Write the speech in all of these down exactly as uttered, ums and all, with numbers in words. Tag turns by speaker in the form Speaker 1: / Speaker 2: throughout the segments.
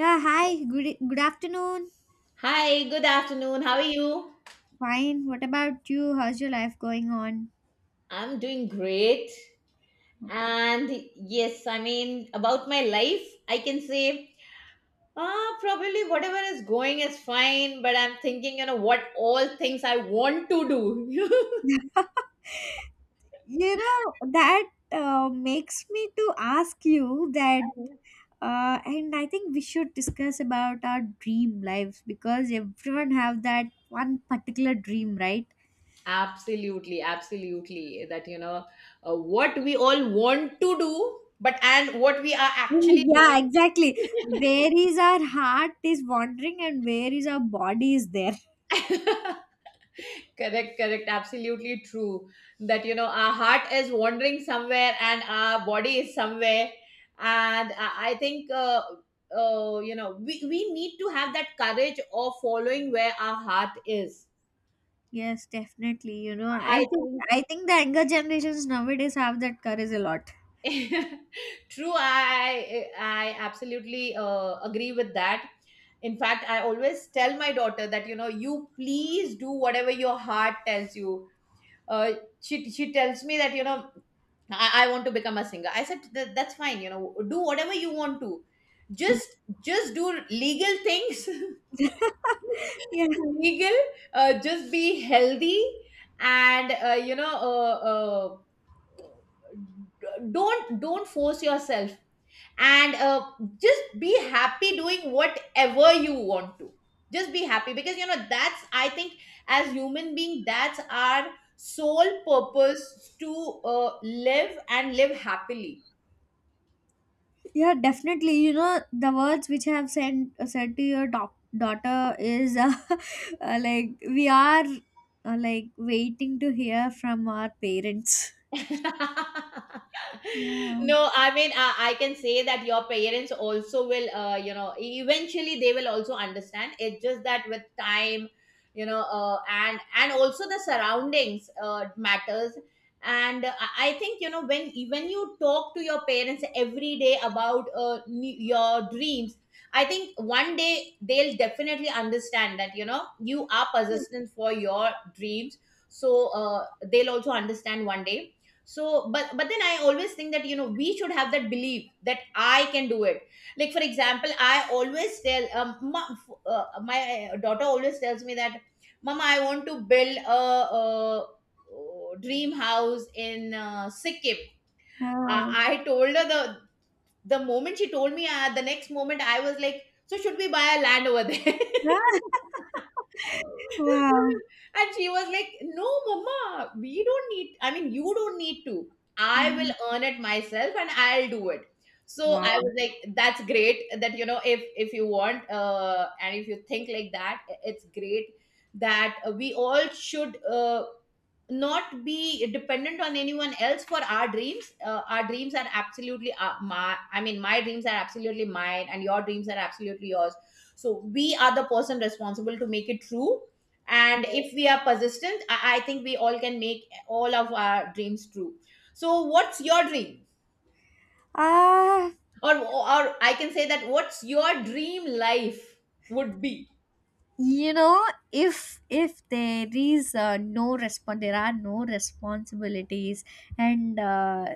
Speaker 1: Yeah, hi. Good e- good afternoon.
Speaker 2: Hi, good afternoon. How are you?
Speaker 1: Fine. What about you? How's your life going on?
Speaker 2: I'm doing great. And yes, I mean, about my life, I can say, ah, probably whatever is going is fine, but I'm thinking, you know, what all things I want to do.
Speaker 1: You know, that uh, makes me to ask you that uh, and I think we should discuss about our dream lives because everyone have that one particular dream, right?
Speaker 2: Absolutely, absolutely. That, you know, uh, what we all want to do, but and what we are actually doing.
Speaker 1: Yeah, exactly. Where is our heart is wandering and where is our body is there.
Speaker 2: Correct, correct. Absolutely true. That, you know, our heart is wandering somewhere and our body is somewhere. And I, I think, uh, uh, you know, we, we need to have that courage of following where our heart is.
Speaker 1: Yes, definitely. You know, I
Speaker 2: I
Speaker 1: think
Speaker 2: think.
Speaker 1: I think the younger generations nowadays have that courage a lot.
Speaker 2: True, I I absolutely uh, agree with that. In fact, I always tell my daughter that you know you please do whatever your heart tells you. Uh, she she tells me that you know I, I want to become a singer. I said, "Th- that's fine, you know, do whatever you want to. Just just do legal things.
Speaker 1: Yeah.
Speaker 2: Legal, uh, just be healthy and uh, you know, uh, uh, d- don't don't force yourself and uh, just be happy doing whatever you want to, just be happy because you know that's, I think, as human being that's our sole purpose to uh, live and live happily.
Speaker 1: Yeah, definitely. You know, the words which I have sent uh, said to your doc- daughter is uh, uh, like we are uh, like waiting to hear from our parents. Yeah.
Speaker 2: No, i mean I, I can say that your parents also will, uh, you know, e-, eventually they will also understand. It's just that with time, you know, uh, and and also the surroundings uh, matters. And uh, i I think, you know, when when you talk to your parents every day about uh, ne- your dreams, I think one day they'll definitely understand that, you know, you are persistent for your dreams. So uh, they'll also understand one day. So but but then I always think that, you know, we should have that belief that I can do it. Like for example, I always tell um, my, uh, my uh, daughter always tells me that, "Mama, I want to build a, a, uh dream house in uh, Sikkim." I,
Speaker 1: Oh.
Speaker 2: I told her, the the moment she told me, uh, the next moment I was like, "So should we buy a land over there?"
Speaker 1: Wow.
Speaker 2: And she was like, "No, mama, we don't need. I mean, you don't need to. I
Speaker 1: Mm.
Speaker 2: will earn it myself, and I'll do it." So I
Speaker 1: Wow.
Speaker 2: was like, "That's great. That, you know, if if you want, uh, and if you think like that, it's great. That uh, we all should, uh, not be dependent on anyone else for our dreams. Uh, our dreams are absolutely, uh, my I mean my dreams are absolutely mine and your dreams are absolutely yours, so we are the person responsible to make it true. And if we are persistent, i, I think we all can make all of our dreams true. So what's your dream,
Speaker 1: Ah,
Speaker 2: or or I can say that, what's your dream life would be?
Speaker 1: you know, if if there is uh, no respond, there are no responsibilities and uh,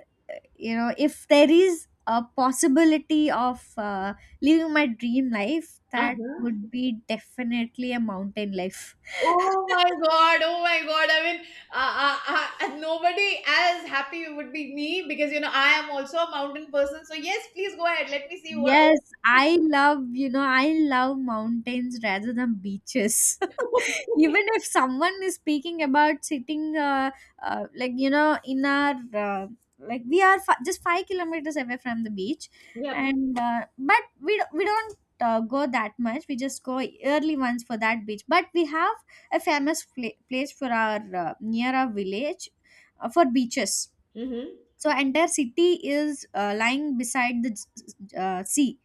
Speaker 1: you know, if there is a possibility of uh, living my dream life, that
Speaker 2: Uh-huh.
Speaker 1: would be definitely a mountain life.
Speaker 2: Oh my God. Oh my God. I mean, uh, uh, uh, nobody as happy would be me because, you know, I am also a mountain person. So, yes, please go ahead. Let me see what. Oh.
Speaker 1: Yes, I love, you know, I love mountains rather than beaches. Even if someone is speaking about sitting uh, uh, like, you know, in our uh, like we are fi- just five kilometers away from the beach,
Speaker 2: Yep.
Speaker 1: and uh, but we do- we don't uh, go that much. We just go early once for that beach, but we have a famous pla- place for our uh, near our village, uh, for beaches.
Speaker 2: Mm-hmm.
Speaker 1: So entire city is uh, lying beside the uh, sea.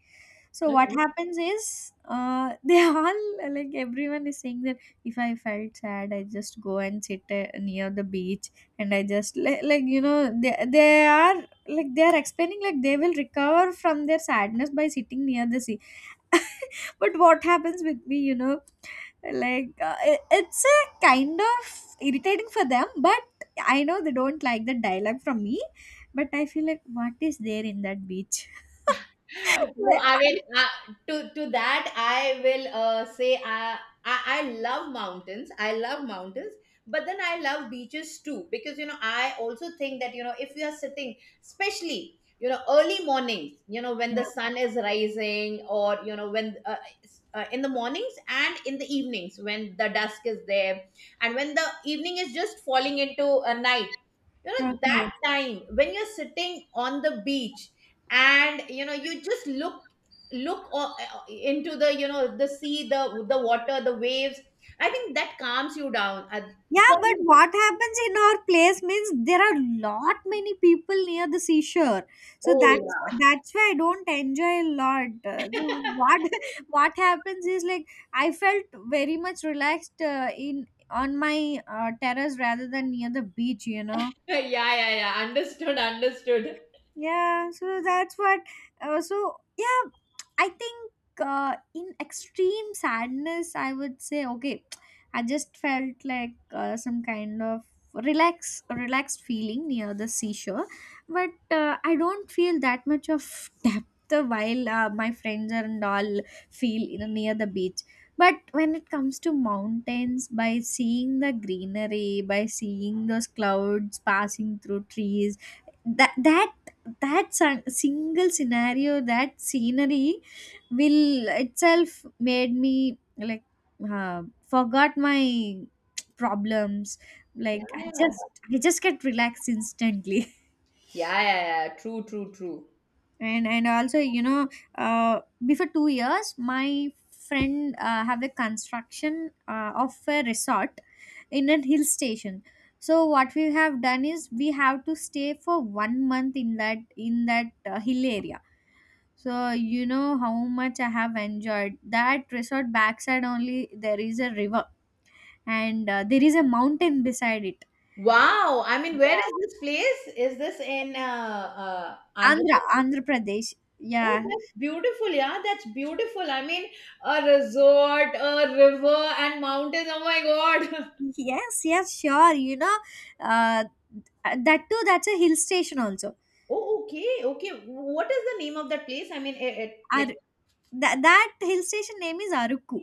Speaker 1: So what
Speaker 2: Okay.
Speaker 1: happens is, uh, they all, like, everyone is saying that if I felt sad, I just go and sit uh, near the beach. And I just like, like you know, they, they are, like, they are explaining, like, they will recover from their sadness by sitting near the sea. But what happens with me, you know, like, uh, it- it's a kind of irritating for them, but I know they don't like the dialogue from me. But I feel like, what is there in that beach?
Speaker 2: No, I mean, uh, to to that I will, uh, say, uh, I I love mountains. I love mountains, but then I love beaches too because you know I also think that you know if you are sitting, especially you know early mornings, you know when
Speaker 1: Yeah.
Speaker 2: the sun is rising, or you know when uh, s- uh, in the mornings and in the evenings when the dusk is there, and when the evening is just falling into a night. You know
Speaker 1: Okay.
Speaker 2: that time when you're sitting on the beach and you know you just look look o- into the, you know, the sea, the the water, the waves, I think that calms you down. Uh,
Speaker 1: Yeah,
Speaker 2: for
Speaker 1: but
Speaker 2: me.
Speaker 1: what happens in our place means there are lot many people near the seashore, so
Speaker 2: Oh,
Speaker 1: that's
Speaker 2: yeah.
Speaker 1: that's why I don't enjoy a lot. Uh, So what what happens is, like, I felt very much relaxed uh, in on my uh, terrace rather than near the beach. You know.
Speaker 2: Yeah, yeah, yeah, understood, understood.
Speaker 1: Yeah, so that's what. Uh, so yeah, I think uh, in extreme sadness, I would say, okay, I just felt like uh, some kind of relax, relaxed feeling near the seashore, but uh, I don't feel that much of depth while uh, my friends and all feel, you know, near the beach. But when it comes to mountains, by seeing the greenery, by seeing those clouds passing through trees, that that that sun- single scenario, that scenery will itself made me like uh, forgot my problems.
Speaker 2: Yeah,
Speaker 1: Like, i
Speaker 2: yeah,
Speaker 1: just i just get relaxed instantly.
Speaker 2: yeah, yeah, yeah, true, true, true.
Speaker 1: and and also, you know, uh, before two years, my friend uh, have a construction uh, of a resort in a hill station. So what we have done is we have to stay for one month in that in that uh, hill area. So you know how much I have enjoyed that resort. Backside only, there is a river, and uh, there is a mountain beside it.
Speaker 2: Wow, I mean, where
Speaker 1: Yeah.
Speaker 2: is this place, is this in uh, uh Andhra
Speaker 1: Andhra,
Speaker 2: Pradesh?
Speaker 1: Andhra Pradesh.
Speaker 2: Oh,
Speaker 1: Yeah.
Speaker 2: that's beautiful, yeah, that's beautiful, I mean, a resort, a river and mountains, oh my god.
Speaker 1: Yes, yes, sure. You know, uh, that too, that's a hill station also.
Speaker 2: Oh, okay, okay. What is the name of that place? I mean, it, it like,
Speaker 1: Ar- that, that hill station name is Aruku.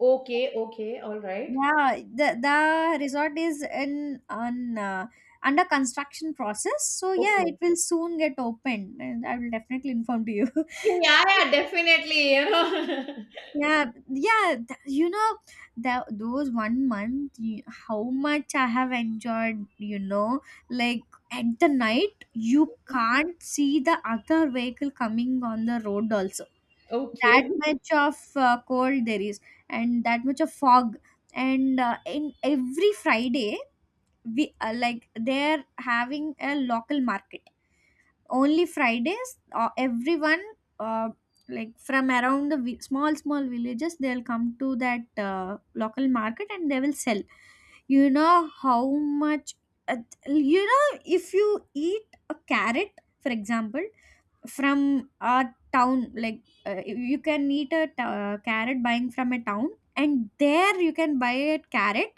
Speaker 2: okay, okay, all right,
Speaker 1: Yeah, the the resort is in on uh, under construction process. So yeah,
Speaker 2: okay.
Speaker 1: it will soon get opened, and I will definitely inform to you.
Speaker 2: Yeah, yeah, definitely. You know.
Speaker 1: Yeah, yeah, th- you know, that those one month, you, how much I have enjoyed. You know, like, at the night, you can't see the other vehicle coming on the road also.
Speaker 2: Okay.
Speaker 1: That much of uh, cold there is, and that much of fog. And uh, in every Friday, we uh, like, they're having a local market only Fridays. Uh, everyone uh, like, from around the vi- small small villages, they'll come to that uh, local market and they will sell. You know how much uh, you know, if you eat a carrot, for example, from a town, like, uh, you can eat a t- uh, carrot buying from a town, and there you can buy a carrot.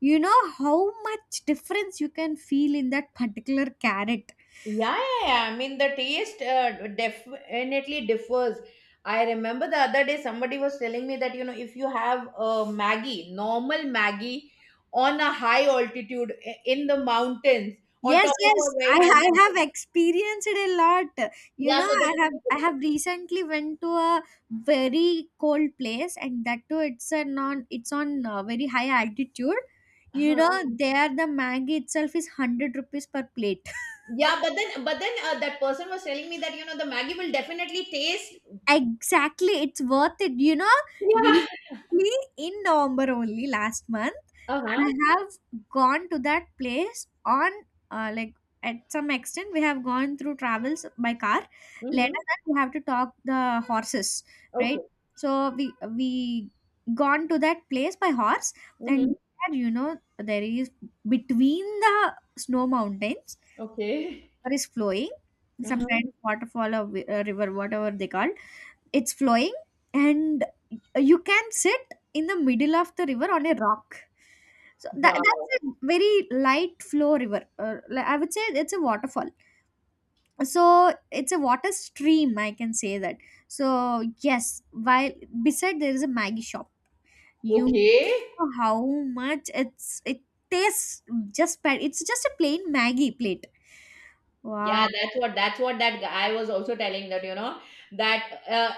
Speaker 1: You know how much difference you can feel in that particular carrot.
Speaker 2: Yeah, yeah, yeah. I mean, the taste, uh, definitely differs. I remember the other day somebody was telling me that, you know, if you have a Maggie, normal Maggie, on a high altitude i- in the mountains, on
Speaker 1: Yes,
Speaker 2: top of
Speaker 1: yes,
Speaker 2: a very
Speaker 1: I,
Speaker 2: high
Speaker 1: I
Speaker 2: mountain.
Speaker 1: have experienced it a lot. You
Speaker 2: Yeah,
Speaker 1: know,
Speaker 2: so
Speaker 1: I have
Speaker 2: that.
Speaker 1: I have recently went to a very cold place, and that too, it's a non, it's on uh, very high altitude. You know,
Speaker 2: Uh-huh.
Speaker 1: there the Maggi itself is hundred rupees per plate.
Speaker 2: Yeah, but then but then uh, that person was telling me that you know the Maggie will definitely taste.
Speaker 1: Exactly, it's worth it. You know,
Speaker 2: Yeah.
Speaker 1: recently in November only last month,
Speaker 2: Uh huh.
Speaker 1: I have gone to that place on uh, like, at some extent we have gone through travels by car. Later
Speaker 2: Mm-hmm.
Speaker 1: that we have to talk the horses, right?
Speaker 2: Okay.
Speaker 1: So we we gone to that place by horse,
Speaker 2: Mm-hmm.
Speaker 1: and there, you know, there is, between the snow mountains,
Speaker 2: Okay.
Speaker 1: there is flowing
Speaker 2: Uh
Speaker 1: some kind
Speaker 2: huh.
Speaker 1: of waterfall or wi- uh, river, whatever they call, it's flowing, and you can sit in the middle of the river on a rock. So that,
Speaker 2: Wow.
Speaker 1: that's a very light flow river. uh, li- I would say it's a waterfall. So it's a water stream, I can say that. So yes, while beside there is a Maggie shop. You
Speaker 2: Okay.
Speaker 1: know how much it's it tastes just bad. It's just a plain Maggie plate. Wow.
Speaker 2: Yeah, that's what, that's what that guy was also telling, that you know that uh,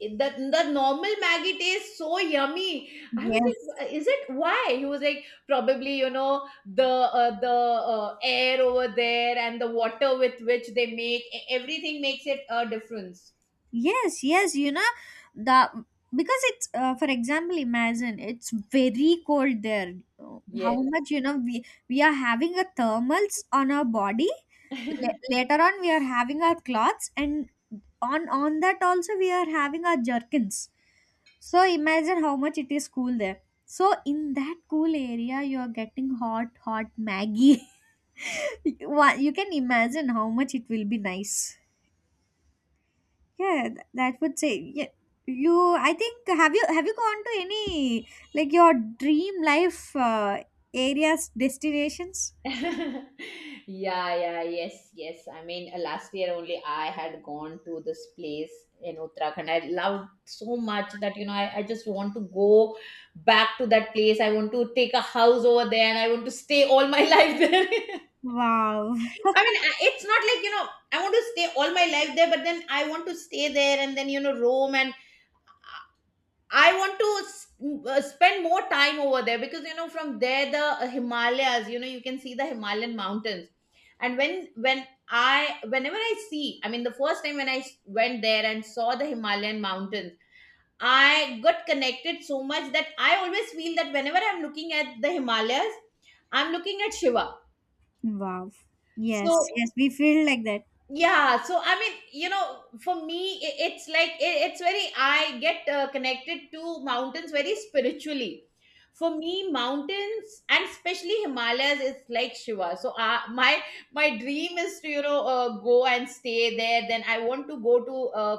Speaker 2: the the normal Maggie tastes so yummy. I was
Speaker 1: Yes.
Speaker 2: like, is it why? He was like, probably you know the uh, the uh, air over there and the water with which they make e- everything makes it a difference.
Speaker 1: Yes, yes, you know, the, because it's uh, for example, imagine it's very cold there. Uh,
Speaker 2: Yes.
Speaker 1: How much, you know, we we are having a thermals on our body. La- later on, we are having our cloths, and on on that also we are having our jerkins. So imagine how much it is cool there. So in that cool area, you are getting hot, hot Maggie. you you can imagine how much it will be nice. Yeah, th- that would say, yeah. You, I think, have you, have you gone to any, like, your dream life uh, areas, destinations?
Speaker 2: Yeah, yeah, yes, yes, I mean, uh, last year only I had gone to this place in Uttarakhand. I loved so much that, you know, I, I just want to go back to that place. I want to take a house over there and I want to stay all my life there.
Speaker 1: Wow,
Speaker 2: I mean, I- it's not like, you know, I want to stay all my life there, but then I want to stay there and then, you know, roam and I want to s- m- uh, spend more time over there because you know from there the, uh, Himalayas, you know you can see the Himalayan mountains. And when when I whenever I see, I mean the first time when I s- went there and saw the Himalayan mountains, I got connected so much that I always feel that whenever I'm looking at the Himalayas, I'm looking at Shiva.
Speaker 1: wow. Yes,
Speaker 2: So
Speaker 1: yes, we feel like that.
Speaker 2: yeah, so I mean, you know, for me, i- it's like, i- it's very, I get uh, connected to mountains very spiritually. For me, mountains and especially Himalayas is like Shiva. So uh, my my dream is to, you know, uh, go and stay there. Then I want to go to, uh,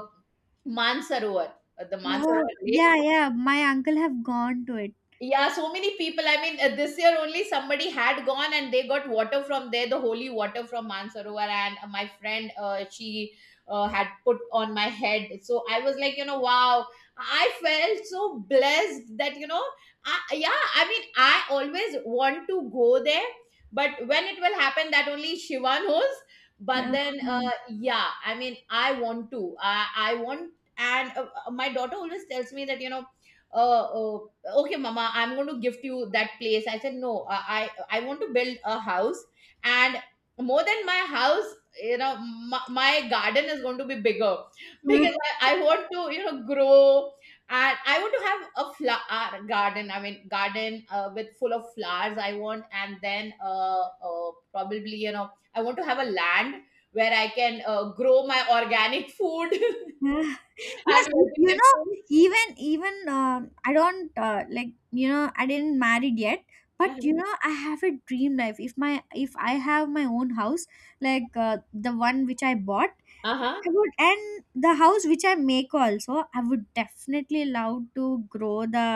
Speaker 2: Mansarovar, uh, the
Speaker 1: Oh,
Speaker 2: Mansarovar lake.
Speaker 1: yeah, yeah. My uncle have gone to it.
Speaker 2: Yeah, so many people. I mean, uh, this year only somebody had gone and they got water from there, the holy water from Mansarovar. And uh, my friend, uh, she uh, had put on my head. So I was like, you know, wow, I felt so blessed that, you know, I, yeah, I mean, I always want to go there, but when it will happen, that only Shiva knows. But
Speaker 1: Okay.
Speaker 2: then, uh, yeah, I mean, I want to. I, I want, and uh, uh, my daughter always tells me that, you know, uh, uh, "Okay mama, I'm going to gift you that place." I said, "No, i i, I want to build a house, and more than my house, you know, my, my garden is going to be bigger, because I, I want to, you know, grow, and I want to have a flower garden, I mean garden uh, with full of flowers I want, and then uh, uh, probably you know I want to have a land where I can uh, grow my organic food
Speaker 1: Yeah.
Speaker 2: and
Speaker 1: Yes, you, you know,
Speaker 2: vegetables."
Speaker 1: even even uh, I don't uh, like, you know, I didn't married yet, but you know, I have a dream life. If my if I have my own house, like, uh, the one which I bought,
Speaker 2: Uh-huh.
Speaker 1: I would, and the house which I make also, I would definitely love to grow the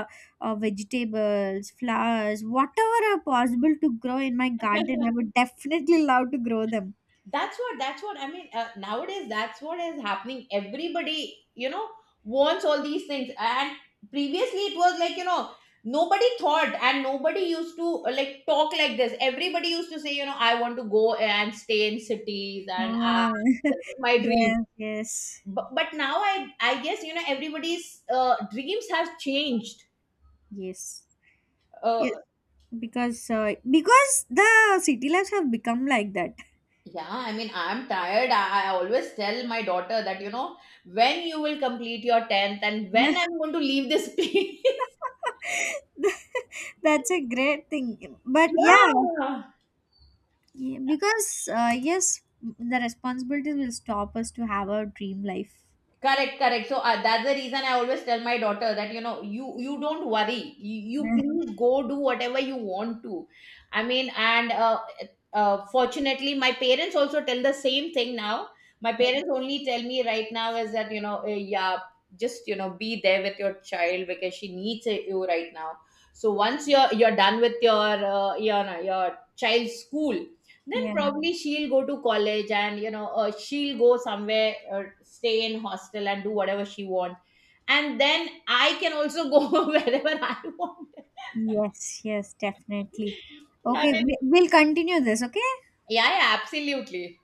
Speaker 1: uh, vegetables, flowers, whatever are possible to grow in my garden. I would definitely love to grow them.
Speaker 2: That's what, that's what I mean, uh, nowadays that's what is happening, everybody, you know, wants all these things. And previously it was like, you know, nobody thought and nobody used to uh, like talk like this, everybody used to say, you know, I want to go and stay in cities and uh,
Speaker 1: Ah,
Speaker 2: this is my dream.
Speaker 1: yes, yes,
Speaker 2: But, but now i i guess, you know, everybody's uh, dreams have changed.
Speaker 1: yes.
Speaker 2: Uh,
Speaker 1: Because uh, because the city lives have become like that.
Speaker 2: Yeah, I mean, I'm tired. I, I always tell my daughter that, you know, when you will complete your tenth and when I'm going to leave this place.
Speaker 1: That's a great thing, but yeah,
Speaker 2: Yeah.
Speaker 1: yeah, because uh, yes, the responsibilities will stop us to have our dream life.
Speaker 2: Correct, correct. So uh, that's the reason I always tell my daughter that you know you you don't worry. You, you please go do whatever you want to. I mean, and uh, uh, fortunately, my parents also tell the same thing now. My parents only tell me right now is that you know, uh, yeah, just you know be there with your child because she needs, uh, you right now. So once you're you're done with your uh, your your child's school, then
Speaker 1: Yeah,
Speaker 2: probably she'll go to college and you know uh, she'll go somewhere or stay in hostel and do whatever she wants. And then I can also go wherever I want.
Speaker 1: yes, yes, definitely.
Speaker 2: I
Speaker 1: Okay,
Speaker 2: mean,
Speaker 1: we, we'll continue this, okay.
Speaker 2: yeah, yeah absolutely.